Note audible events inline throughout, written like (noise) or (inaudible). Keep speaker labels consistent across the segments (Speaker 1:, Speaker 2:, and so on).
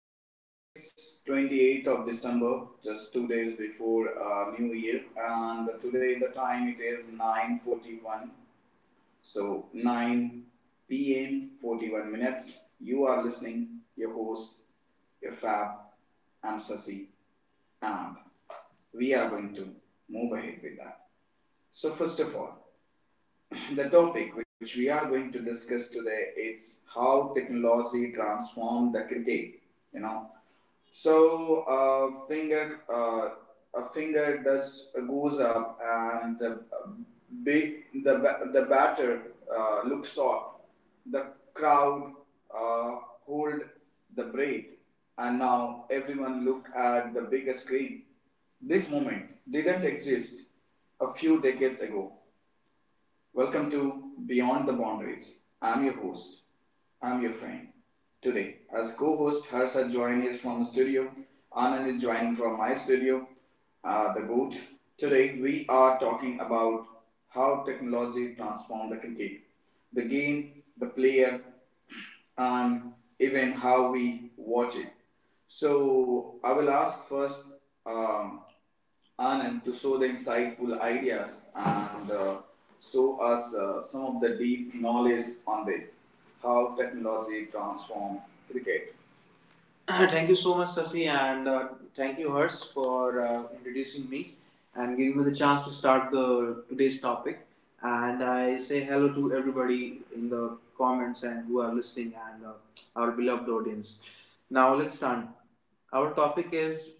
Speaker 1: So today it's 28th of December, just 2 days before New Year, and today the time it is 9:41, so 9 p.m. 41 minutes. You are listening, your host, your fab, I'm Sasi, and we are going to move ahead with that. So first of all, (clears throat) the topic which we are going to discuss today is how technology transformed the cricket. You know, so a finger does goes up, and the batter looks out. The crowd uh, hold the breath, and now everyone look at the big screen. This moment didn't exist a few decades ago. Welcome to Beyond the Boundaries. I'm your host. I'm your friend. Today, as co-host, Harsha joined is from the studio. Anand is joining from my studio, the goat. Today, we are talking about how technology transformed the cricket, the game, the player, and even how we watch it. So I will ask first um, Anand to show the insightful ideas and show us some of the deep knowledge on this, how technology transform cricket. (clears throat) Thank you so much, Sasi, and thank you, Hers, for introducing me and giving me the chance to start the today's topic. And I say hello to everybody in the comments and who are listening and our beloved audience. Now let's start. Our topic is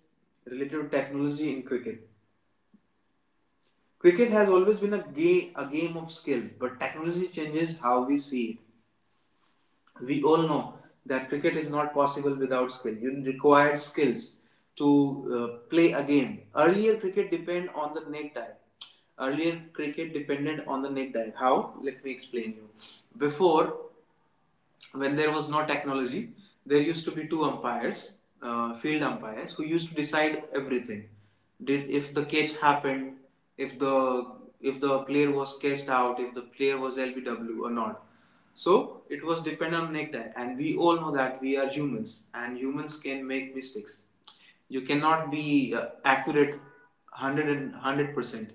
Speaker 1: related to technology in cricket. Cricket has always been a game of skill, but technology changes how we see it. We all know that cricket is not possible without skill. You required skills to play a game. Earlier, cricket depended on the necktie. Earlier, cricket depended on the necktie. How? Let me explain you. Before, when there was no technology, there used to be two umpires, field umpires, who used to decide everything. Did if the catch happened, if the if the player was cashed out, if the player was LBW or not. So it was dependent on necktie, and we all know that we are humans, and humans can make mistakes. You cannot be accurate 100%.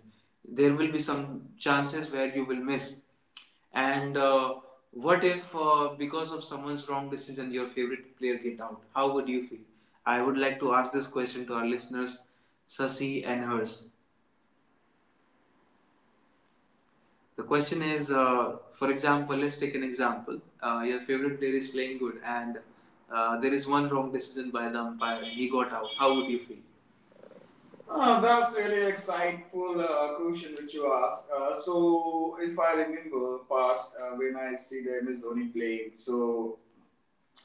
Speaker 1: There will be some chances where you will miss, and what if, because of someone's wrong decision, your favorite player get out? How would you feel? I would like to ask this question to our listeners, Sasi and hers. The question is, for example, let's take an example. Your favorite player is playing good, and there is one wrong decision by the umpire, and he got out. How would you feel? Ah, that's really insightful question which you asked. So, if I remember past when I see the MS Dhoni playing, so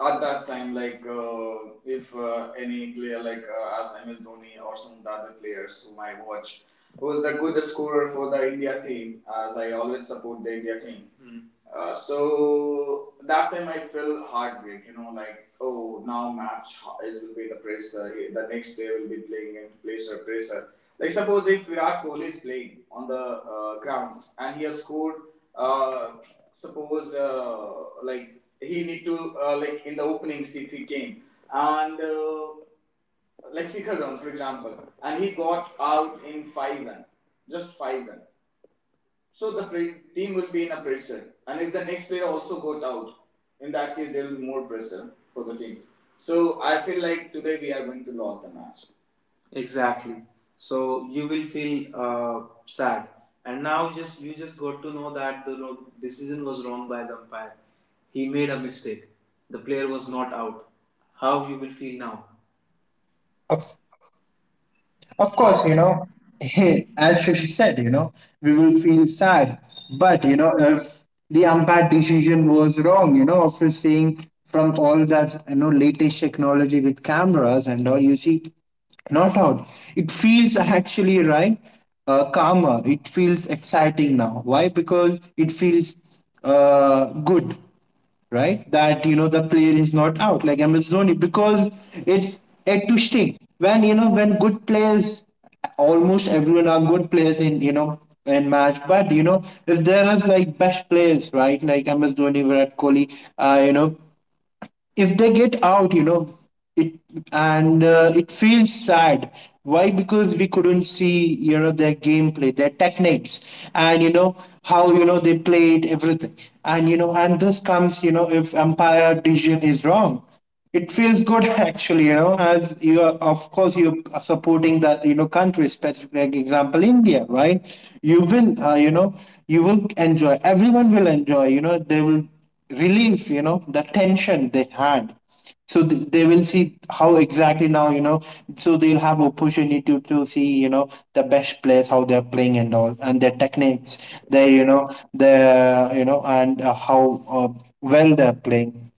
Speaker 1: at that time, like if any player like as MS Dhoni or some of the other players whom I watch was the good scorer for the India team, as I always support the India team. Mm. So that time I felt heartbreak, you know, like oh now match is will be the pressure. The next player will be playing in pressure, pressure. Like suppose if Virat Kohli is playing on the ground and he has scored, uh, suppose like he need to like in the openings if he came and like Shikhar Dhawan for example, and he got out in five run, just five run. So the team will be in a pressure, and if the next player also got out, in that case there will be more pressure for the team. So I feel like today we are going to lose the match. Exactly. So you will feel sad, and now just you just got to know that the wrong decision was wrong by the umpire. He made a mistake. The player was not out. How you will feel now?
Speaker 2: Of, of course, (laughs) as Shashi said, we will feel sad. But, if the umpire decision was wrong, after seeing from all that, latest technology with cameras and all, you see, not out. It feels actually right, calmer. It feels exciting now. Why? Because it feels good, right? That the player is not out like MS Dhoni because it's at to stick. When when good players, almost everyone are good players in match. But if there is like best players, right? Like MS Dhoni, Virat Kohli, uh, you know if they get out, it, and it feels sad, why, because we couldn't see, their gameplay, their techniques, and how they played everything. And this comes, if umpire decision is wrong, it feels good (laughs) actually, as you are, of course, you're supporting that, country specific like example, India, right? You will, uh, you know, you will enjoy, everyone will enjoy, they will relieve, the tension they had. So they will see how exactly now, so they'll have opportunity to see, the best players, how they're playing and all, and their techniques, their, you know, and how well they're playing.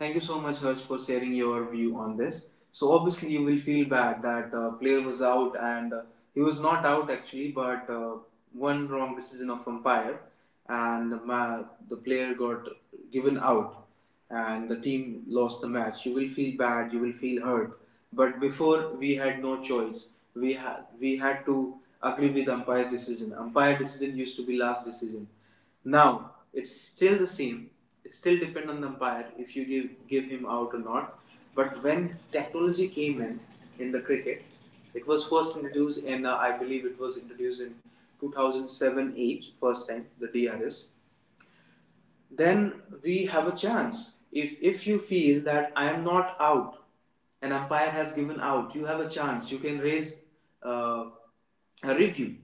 Speaker 1: Thank you so much, Harsh, for sharing your view on this. So obviously, you will feel bad that player was out, and he was not out actually, but one wrong decision of umpire, and the player got given out, and the team lost the match. You will feel bad. You will feel hurt. But before we had no choice. We had to agree with umpire's decision. Umpire decision used to be last decision, now it's still the same. It still depends on the umpire if you give him out or not. But when technology came in the cricket, it was first introduced in I believe it was introduced in 2007-8, first time the DRS. Then we have a chance. If you feel that I am not out, an umpire has given out, you have a chance. You can raise uh, a review,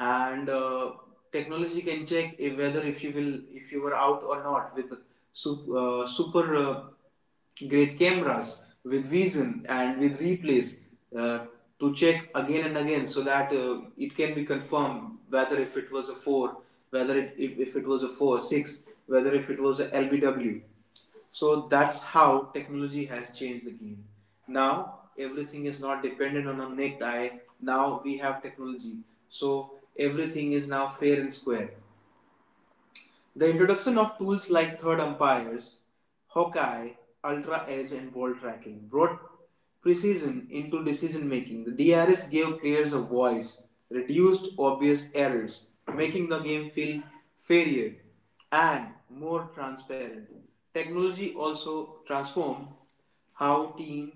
Speaker 1: and technology can check if, whether if you were out or not, with super great cameras with vision and with replays uh, to check again and again so that it can be confirmed whether if it was a 4, whether it, if it was a 4 6, whether if it was a lbw. So that's how technology has changed the game. Now everything is not dependent on a naked eye. Now we have technology, so everything is now fair and square. The introduction of tools like third umpires, Hawkeye, Ultra Edge, and ball tracking brought precision into decision making. The DRS gave players a voice, reduced obvious errors, making the game feel fairer and more transparent. Technology also transformed how team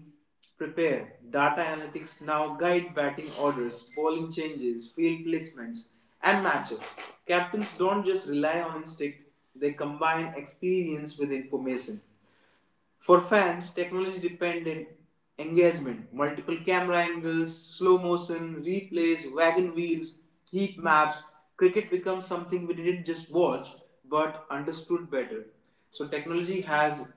Speaker 1: prepare. Data analytics now guide batting orders, bowling changes, field placements, and matchups. Captains don't just rely on instinct, they combine experience with information. For fans, technology dependent engagement, multiple camera angles, slow motion, replays, wagon wheels, heat maps, cricket becomes something we didn't just watch but understood better. So technology has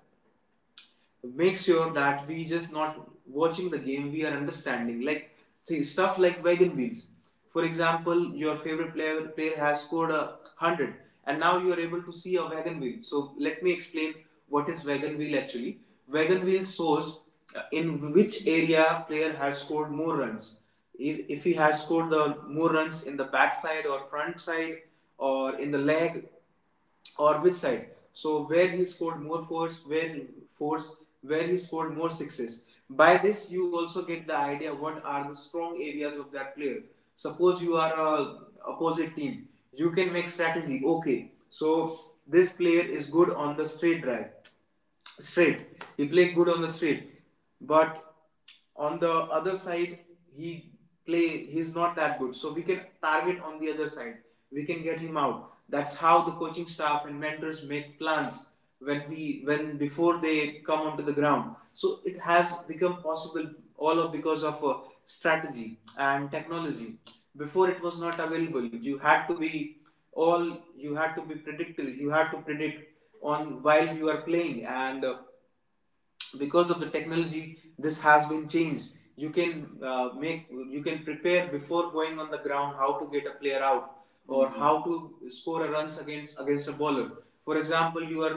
Speaker 1: make sure that we just not watching the game, we are understanding. Like see stuff like wagon wheels, for example your favorite player has scored a 100 and now you are able to see a wagon wheel. So let me explain what is wagon wheel actually. Wagon wheel shows in which area player has scored more runs. If he has scored the more runs in the back side or front side, or in the leg, or which side. So where he scored more force, force, where he scored more sixes. By this, you also get the idea what are the strong areas of that player. Suppose you are a opposite team, you can make strategy. Okay, so this player is good on the straight drive, straight. He played good on the straight, but on the other side he he's not that good, so we can target on the other side, we can get him out. That's how the coaching staff and mentors make plans when we when before they come onto the ground. So it has become possible all of because of strategy and technology. Before it was not available, you had to be all you had to be predictive, you had to predict on while you are playing, and because of the technology this has been changed. You can make you can prepare before going on the ground how to get a player out or, Mhm, how to score a runs against a bowler. For example, you are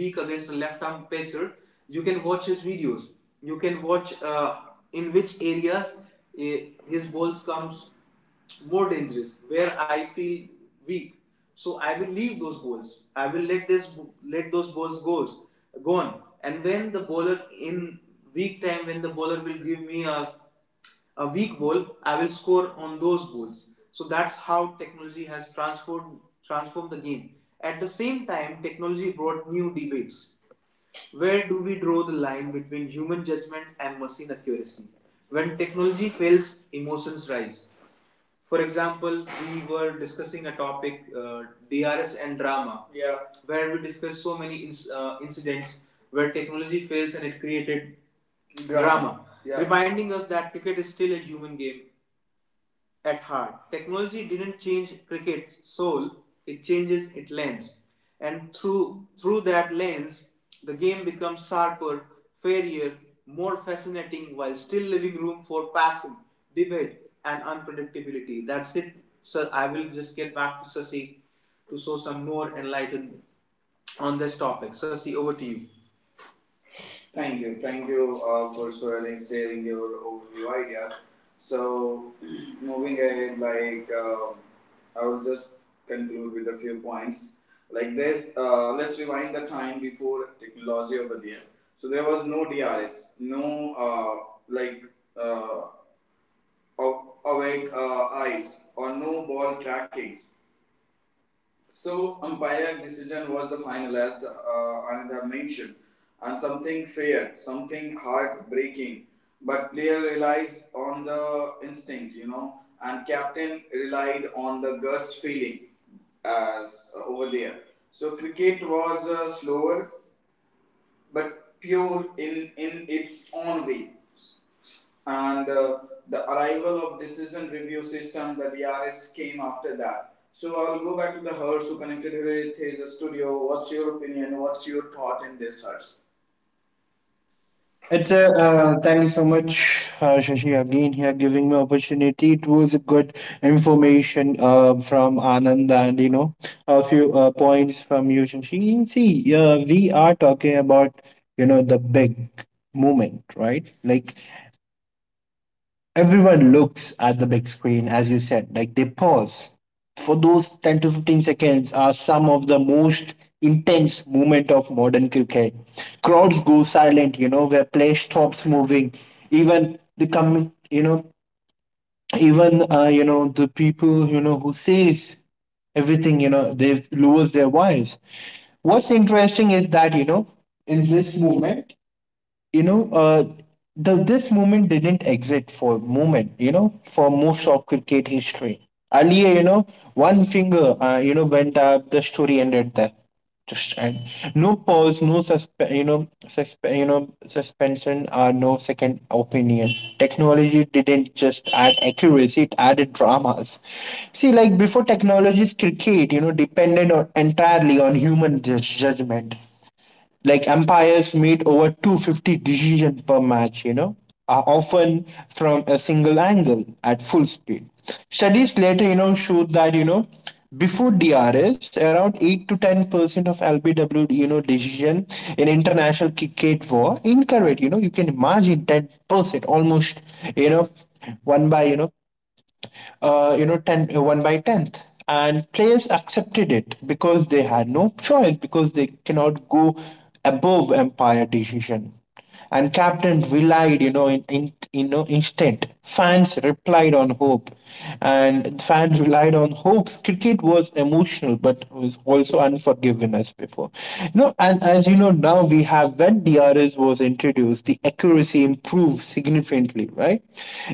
Speaker 1: weak against a left arm pacer, you can watch his videos. You can watch in which areas eh, his balls comes more dangerous where I feel weak, so I will leave those balls, I will let those balls goes gone, and when the bowler in weak time, when the bowler will give me a weak ball, I will score on those balls. So that's how technology has transformed the game. At the same time technology brought new debates. Where do we draw the line between human judgment and machine accuracy? When technology fails, emotions rise. For example, we were discussing a topic, DRS and drama. Yeah. Where we discussed so many incidents where technology fails and it created drama. Yeah. Reminding us that cricket is still a human game at heart. Technology didn't change cricket's soul, it changes its lens. And through that lens, the game becomes sharper, fairer, more fascinating while still leaving room for passion, debate, and unpredictability. That's it. So I will just get back to Sasi to show some more enlightenment on this topic. Sasi, over to you. Thank you. Thank you for sharing your overview idea. So, (clears throat) moving ahead, I will just conclude with a few points. Like this, let's rewind the time before technology over there. So there was no DRS, no uh, awake eyes, or no ball tracking. So umpire decision was the final, as Ananda mentioned, and something fair, something heartbreaking. But player relies on the instinct, you know, and captain relied on the gust feeling as over there. So cricket was slower but pure in its own way and the arrival of decision review system, the DRS, came after that. So I'll go back to the hers who connected with his studio. What's your opinion? What's your thought in this hers?
Speaker 2: It's a Thank you so much, Shashi, again here giving me opportunity. It was a good information from Anand, and a few points from you, Shashi. See, we are talking about the big moment, right? Like everyone looks at the big screen, as you said, like they pause. For those 10 to 15 seconds are some of the most intense moment of modern cricket. Crowds go silent, where play stops moving. Even the com- you know, Even the people, who says everything, they lose their voice. What's interesting is that, in this movement, you know, uh, this movement didn't exist for moment, for most of cricket history. Earlier, one finger, went up, the story ended there. Just, and no pause, no suspension, or no second opinion. Technology didn't just add accuracy; it added dramas. See, like before technologies, cricket, depended on entirely on human judgment, like empires made over 250 decisions per match, often from a single angle at full speed. Studies later, showed that, before DRS, around 8 to 10% of LBW, decision in international cricket were incorrect. You can imagine 10%, almost, you know, one by, ten one by 10th. And players accepted it because they had no choice, because they cannot go above umpire decision. And captain relied, in instant. Fans replied on hope, and fans relied on hopes. Cricket was emotional, but was also unforgiving as before. You know, and As you know, now we have when DRS was introduced, the accuracy improved significantly country, right?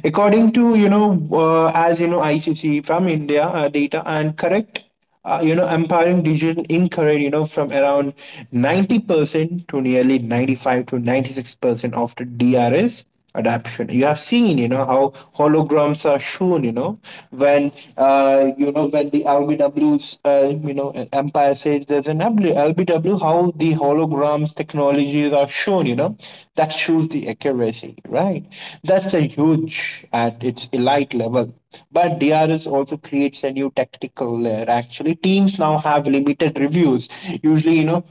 Speaker 2: According to as you know, ICC from India data and correct. Empowering decision incorrect, from around 90% to nearly 95 to 96% after DRS adaption. You have seen, how holograms are shown, when, when the LBW's, Empire says there's an LBW, how the holograms technologies are shown, you know that shows the accuracy, right. That's a huge at its elite level, but DRS also creates a new tactical layer. Actually, teams now have limited reviews, usually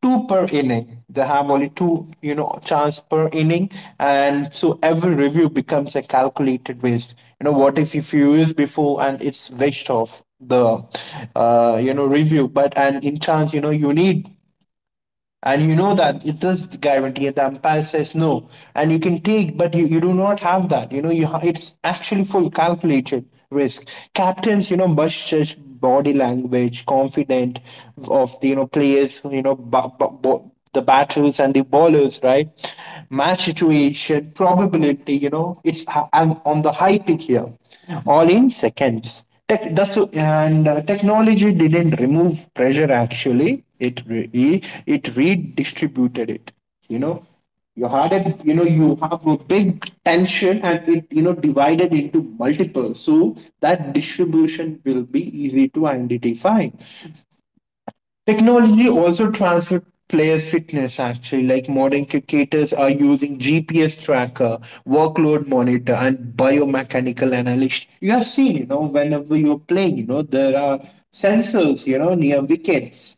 Speaker 2: two per inning. They have only two, chance per inning, and so every review becomes a calculated waste. What if you use before and it's waste of the, review, but and in chance, you need and you know that it does guarantee it. The umpire says no, and you can take, but you do not have that. It's actually full calculated risk. Captains, must judge body language, confident of the players. The batters and the bowlers, right? Match situation, probability. I'm on the high peak here, all in seconds. Tech, that's and Technology didn't remove pressure. Actually, it redistributed it. You know, you had a you know you have a big tension, and it divided into multiple. So that distribution will be easy to identify. Technology also transferred players' fitness actually, like modern cricketers are using GPS tracker, workload monitor, and biomechanical analysis. You have seen, whenever you're playing, there are sensors, near wickets,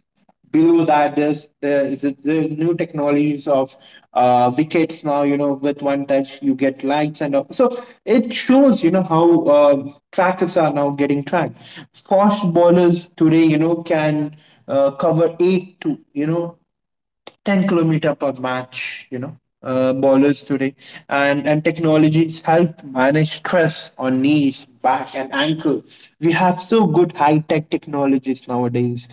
Speaker 2: below that there's there is it the new technologies of wickets now, with one touch you get lights and all. So it shows how trackers are now getting tracked. Fast bowlers today can cover 8 to 10 kilometer per match, ballers today, and technologies help manage stress on knees, back, and ankle. We have so good high-tech technologies nowadays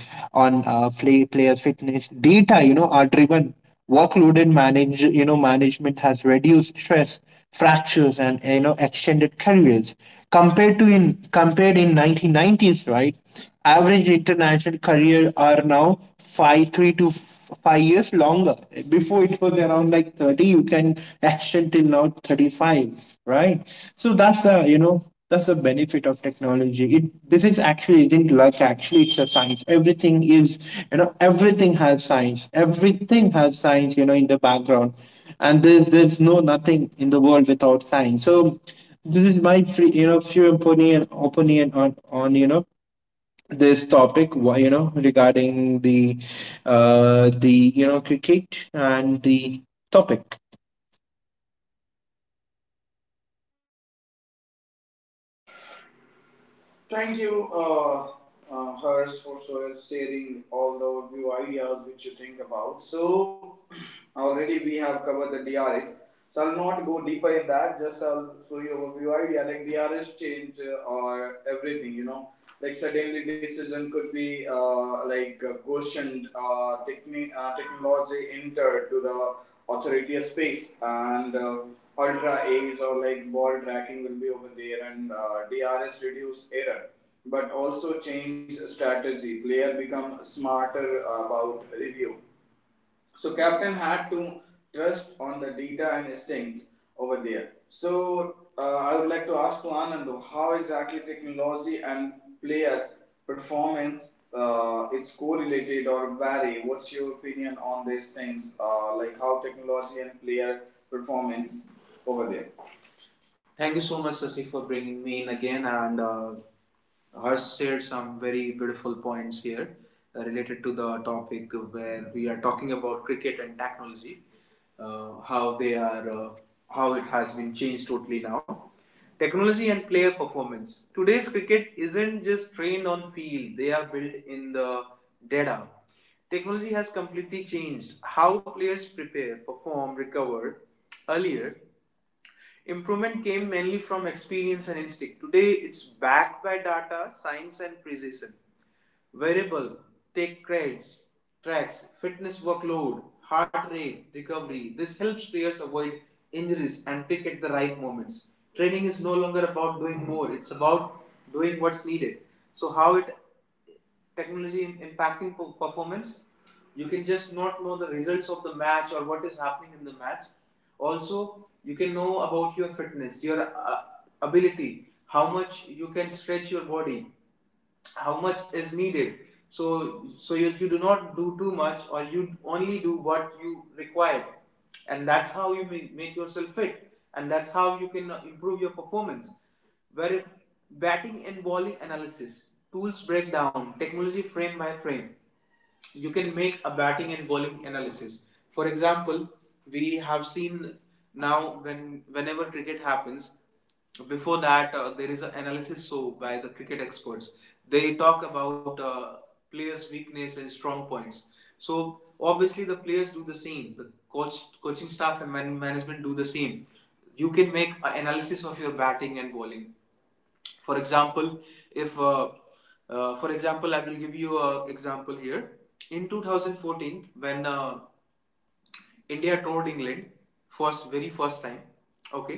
Speaker 2: on players fitness data, are driven. Workload and manage, you know, Management has reduced stress, fractures, and extended careers. Compared in 1990s, right? Average international career are now 3 to 5 years longer. Before it was around like 30, you can extend till now 35, right? So that's you know that's the benefit of technology. It this is actually isn't luck. Actually, it's a science. Everything is you know Everything has science. Everything has science. In the background, and there's no nothing in the world without science. So this is my free you know few opinion on this topic, why you know regarding the cricket and the topic.
Speaker 1: Thank you, Hers, for sharing all the overview ideas which you think about. So, (clears throat) already we have covered the DRS. So, I'll not go deeper in that, just I'll show you overview idea. Like, DRS change or everything, you know. Like, suddenly decision could be questioned, technology entered to the authority a space and ultra A's or like ball tracking will be over there and DRS reduce error but also change strategy player become smarter about review so captain had to trust on the data and instinct over there. So I would like to ask to Anand how exactly technology and player performance it's correlated or vary. What's your opinion on these things? Like how technology and player performance over there? Thank you so much, Sasi, for bringing me in again. And Harsh shared some very beautiful points here related to the topic where we are talking about cricket and technology, uh, how they are, uh, how it has been changed totally now. Technology and player performance. Today's cricket isn't just trained on field; they are built in the data. Technology has completely changed how players prepare, perform, recover. Earlier, improvement came mainly from experience and instinct. Today, it's backed by data, science, and precision. Variable, take credits, tracks, fitness workload, heart rate, recovery. This helps players avoid injuries and pick at the right moments. Training is no longer about doing more, it's about doing what's needed. So, how it technology impacting performance? You can just not know the results of the match or what is happening in the match. Also, you can know about your fitness, your ability, how much you can stretch your body, how much is needed so you do not do too much or you only do what you require, and that's how you make yourself fit, and that's how you can improve your performance where batting and bowling analysis tools breakdown technology frame by frame. You can make a batting and bowling analysis. For example, we have seen now when whenever cricket happens, before that there is an analysis show by the cricket experts. They talk about players' weakness and strong points. So obviously the players do the same. The coaching staff, and management do the same. You can make an analysis of your batting and bowling. For example, if for example I will give you an example here. In 2014, when India toured England first very first time, okay,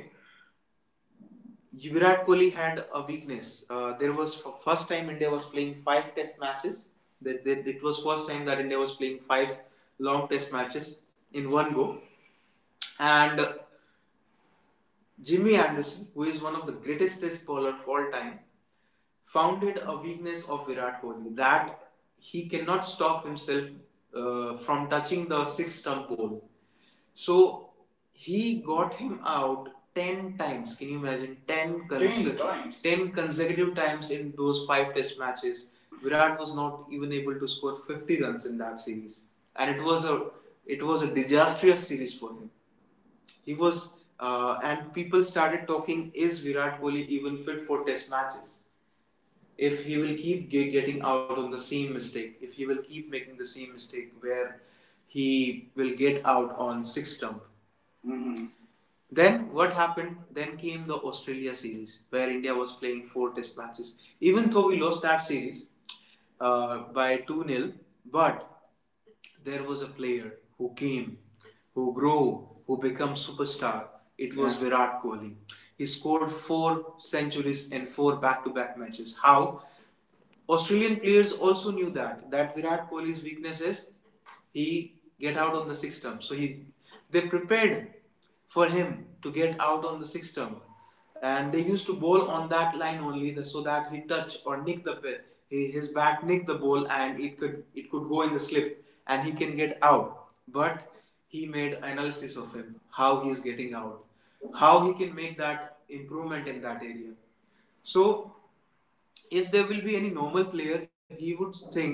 Speaker 1: Virat Kohli had a weakness. There was for first time India was playing five test matches. It was first time that India was playing five long test matches in one go, and Jimmy Anderson, who is one of the greatest test bowler of all time, founded a weakness of Virat Kohli that he cannot stop himself from touching the six stump pole. So he got him out 10 times. Can you imagine? 10 times. 10 consecutive times in those five test matches. Virat was not even able to score 50 runs in that series. And it was a disastrous series for him. He was and people started talking, is Virat Kohli even fit for test matches, if he will keep getting out on the same mistake, if he will keep making the same mistake where he will get out on six stump? Mm-hmm. Then what happened? Then came the Australia series where India was playing four test matches. Even though we lost that series by 2 nil, but there was a player who came, who grew, who became superstar. It was, yeah, Virat Kohli. He scored four centuries in four back to back matches. How? Australian players also knew that Virat Kohli's weakness is he get out on the sixth stump. So he they prepared for him to get out on the sixth stump, and they used to bowl on that line only the, so that he touch or nick the his bat nick the ball, and it could go in the slip and he can get out. But he made analysis of him how he is getting out, how he can make that improvement in that area. So if there will be any normal player, he would think,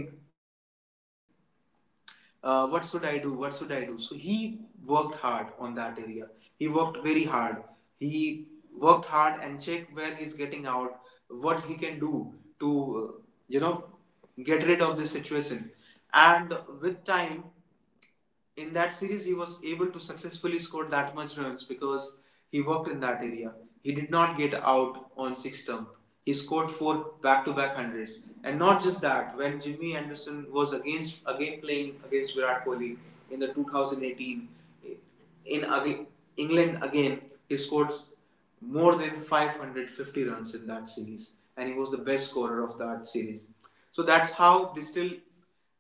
Speaker 1: what should I do? What should I do? So he worked hard on that area. He worked very hard. He worked hard and checked where he's getting out, what he can do to, uh, you know, get rid of this situation. And with time, in that series he was able to successfully score that much runs because he worked in that area. He did not get out on six stump. He scored four back-to-back hundreds, and not just that. When Jimmy Anderson was again playing against Virat Kohli in the 2018, in again, England again, he scored more than 550 runs in that series, and he was the best scorer of that series. So that's how digital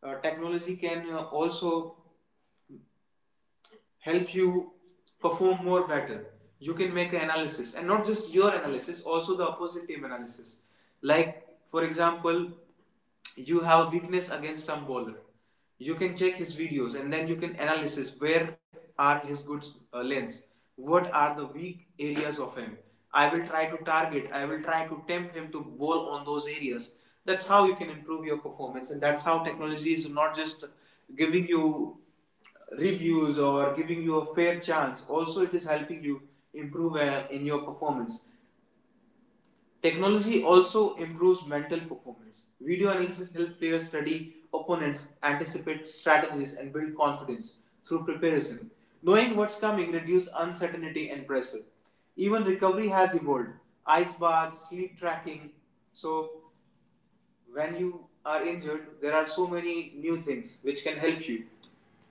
Speaker 1: technology can also help you perform more better. You can make an analysis, and not just your analysis, also the opposite team analysis. Like, for example, you have a weakness against some bowler. You can check his videos and then you can analysis where are his good lanes, what are the weak areas of him. I will try to target, I will try to tempt him to bowl on those areas. That's how you can improve your performance, and that's how technology is not just giving you reviews or giving you a fair chance. Also, it is helping you improve in your performance. Technology also improves mental performance. Video analysis helps players study opponents, anticipate strategies, and build confidence through preparation. Knowing what's coming reduces uncertainty and pressure. Even recovery has evolved. Ice baths, sleep tracking. So, when you are injured, there are so many new things which can help you,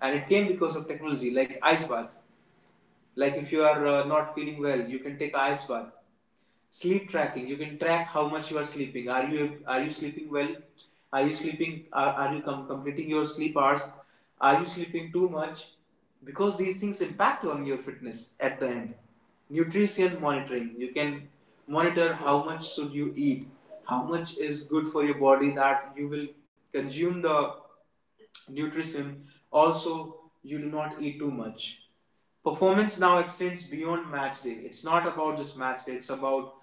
Speaker 1: and it came because of technology, like ice bath. Like if you are not feeling well, you can take ice bath. Sleep tracking. You can track how much you are sleeping. Are you sleeping well? Are you sleeping? Are you completing your sleep hours? Are you sleeping too much? Because these things impact on your fitness at the end. Nutrition monitoring. You can monitor how much should you eat, how much is good for your body that you will consume the nutrition. Also, you do not eat too much. Performance now extends beyond match day. It's not about just match day, it's about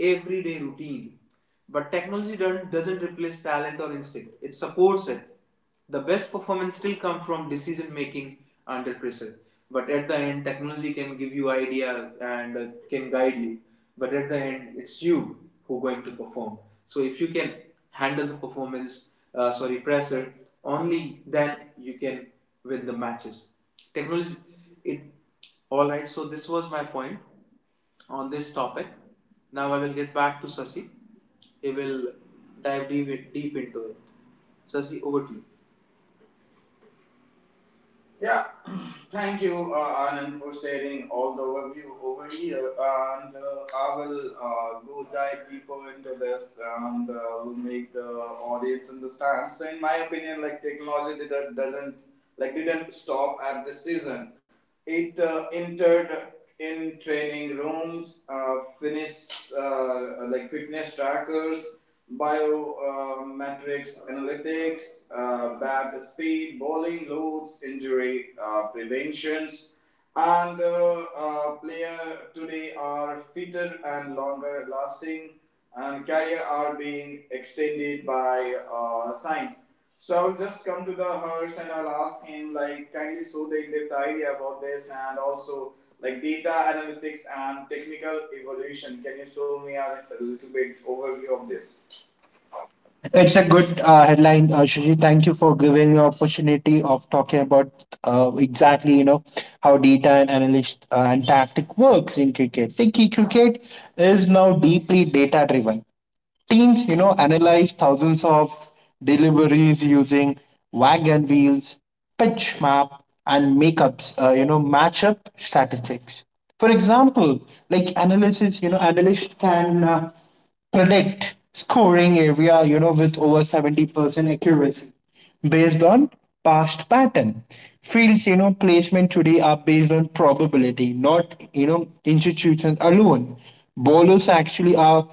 Speaker 1: everyday routine. But technology doesn't replace talent or instinct, it supports it. The best performance still comes from decision making under pressure. But at the end, technology can give you idea and can guide you. But at the end, it's you who are going to perform. So if you can handle the performance, sorry, pressure, only then you can win the matches. Technology, it. All right. So this was my point on this topic. Now I will get back to Sasi. He will dive deep into it. Sasi, over to you. Yeah, (clears throat) thank you, Anand, for sharing all the overview over here. And I will go dive deeper into this, and will make the audience understand. So, in my opinion, like doesn't didn't stop at this season. It entered in training rooms, finished like fitness trackers, biometrics metrics analytics, bat speed, bowling loads, injury preventions, and player today are fitter and longer lasting, and career are being extended by science. So I'll just come to the horse and I'll ask him, like, kindly show the in-depth idea about this and also like data analytics and technical evolution. Can you show me a little bit overview of this?
Speaker 2: It's a good headline, Shuji. Thank you for giving me opportunity of talking about exactly, how data and analyst and tactic works in cricket. See, key cricket is now deeply data driven. Teams, analyzed thousands of deliveries using wagon wheels, pitch map, and makeups, matchup statistics. For example, like analysis, analysts can predict scoring area, with over 70% accuracy based on past pattern. Fields, placement today are based on probability, not, institutions alone. Bowlers actually are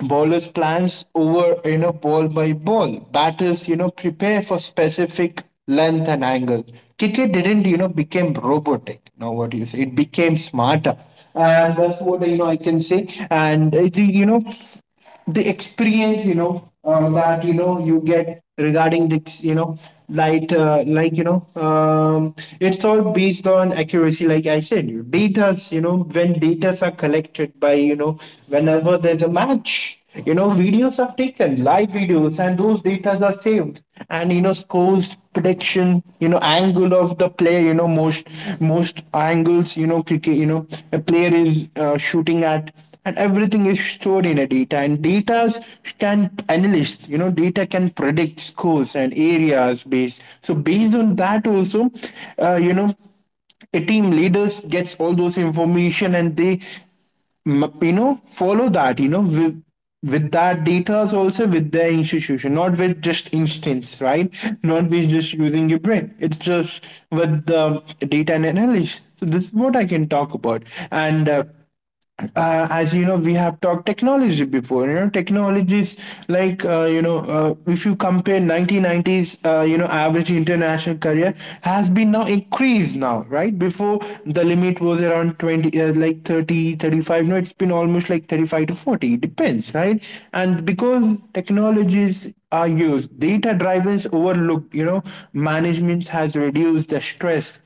Speaker 2: Bowlers plans over, ball by ball. Batters, prepare for specific length and angle. Cricket didn't, became robotic. Now what do you say? It became smarter. And that's what, I can say. And, it, you know, The experience, that you get regarding the light, it's all based on accuracy. Like I said, you datas, when datas are collected by, whenever there's a match, videos are taken, live videos, and those datas are saved. And scores prediction, angle of the player, most angles, cricket, a player is shooting at, and everything is stored in a data. And data can analyst you know data can predict scores and areas based, so based on that also, uh, you know a team leaders gets all those information, and they follow that, with that data, also with their institution, not with just instance, right. Not with just using your brain. It's just with the data and analysis. So this is what I can talk about. And as you know, we have talked technology before, technologies like, if you compare 1990s, average international career has been now increased now, right? Before, the limit was around 20, like 30, 35. 35, no it's been almost like 35 to 40, it depends, right. And because technologies are used, data driven, overlooked, management has reduced the stress,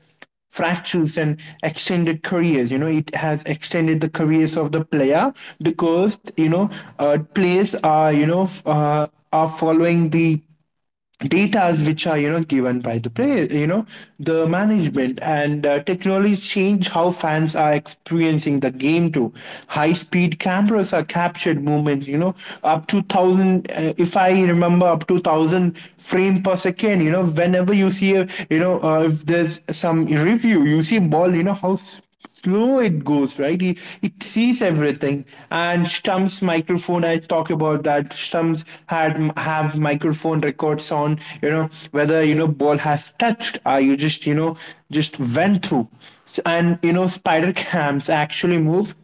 Speaker 2: fractures, and extended careers. It has extended the careers of the player, because players are are following the datas, which are given by the play you know the management. And technology change how fans are experiencing the game too. High speed cameras are captured movements, up to 1,000, if I remember, up to 1,000 frame per second, whenever you see a, if there's some review, you see ball, how slow it goes, right? It sees everything. And Stump's microphone, I talk about that. Stump's had have microphone records on, whether ball has touched, or you just you know just went through. And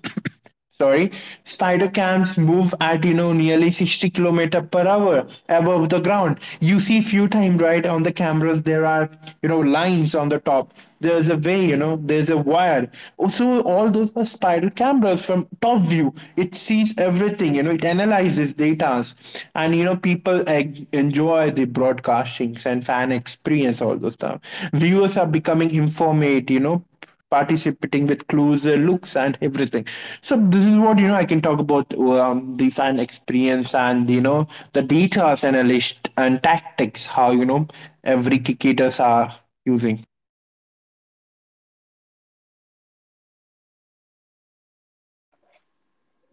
Speaker 2: sorry spider cams move at nearly 60 kilometer per hour above the ground. You see few times, right, on the cameras. There are, lines on the top. There's a way, there's a wire. Also, all those are spider cameras. From top view, it sees everything, it analyzes data. And people enjoy the broadcastings and fan experience, all those stuff. Viewers are becoming informative, participating with closer looks and everything. So this is what I can talk about, the fan experience and, the data analyst and tactics, how every cricketers are using.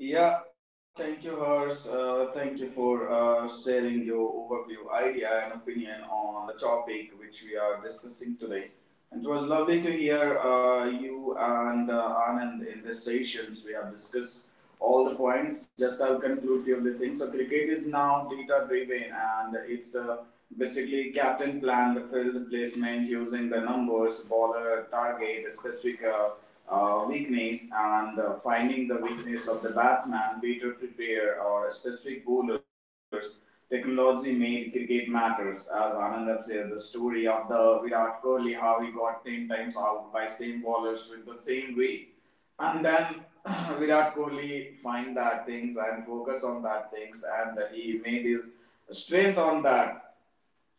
Speaker 1: Yeah, thank you, Hers. Thank you for sharing your overview, idea, and opinion on the topic which we are discussing today. And it was lovely to hear you and Anand in the sessions. We have discussed all the points. Just I'll conclude few of the things. So cricket is now data driven, and it's basically captain plan, the field placement using the numbers, bowler target, a specific. Weakness and finding the weakness of the batsman, better prepare our specific bowlers. Technology made cricket matters. As Anandab said, the story of the Virat Kohli, how he got 10 times out by same bowlers with the same way. And then (clears throat) (laughs) Virat Kohli find that things and focus on that things, and he made his strength on that,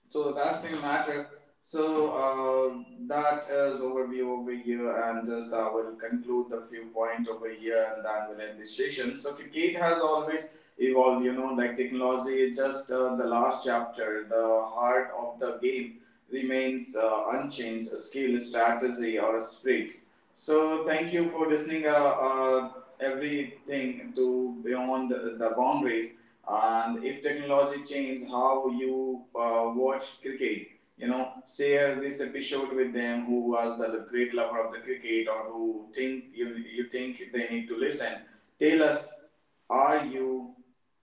Speaker 1: so that's the matter. So that is overview over here, and just I will conclude the few points over here, and then we'll end this session. So cricket has always evolved, you know, like technology. Is just the last chapter, the heart of the game remains unchanged, a skill, a strategy, or a sprint. So thank you for listening. Uh, Everything to beyond the boundaries, and if technology changes how you watch cricket, you know, share this episode with them who was the great lover of the cricket or who think you you think they need to listen. Tell us, are you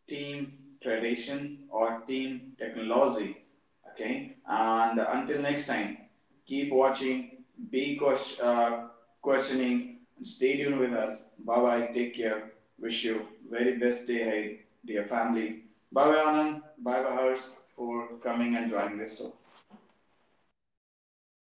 Speaker 1: team tradition or team technology? Okay, and until next time, keep watching, be questioning, and stay tuned with us. Bye bye, take care. Wish you very best day ahead, dear family. Bye bye, Anand. Bye bye, Harsh. For coming and joining this show.
Speaker 2: Thank you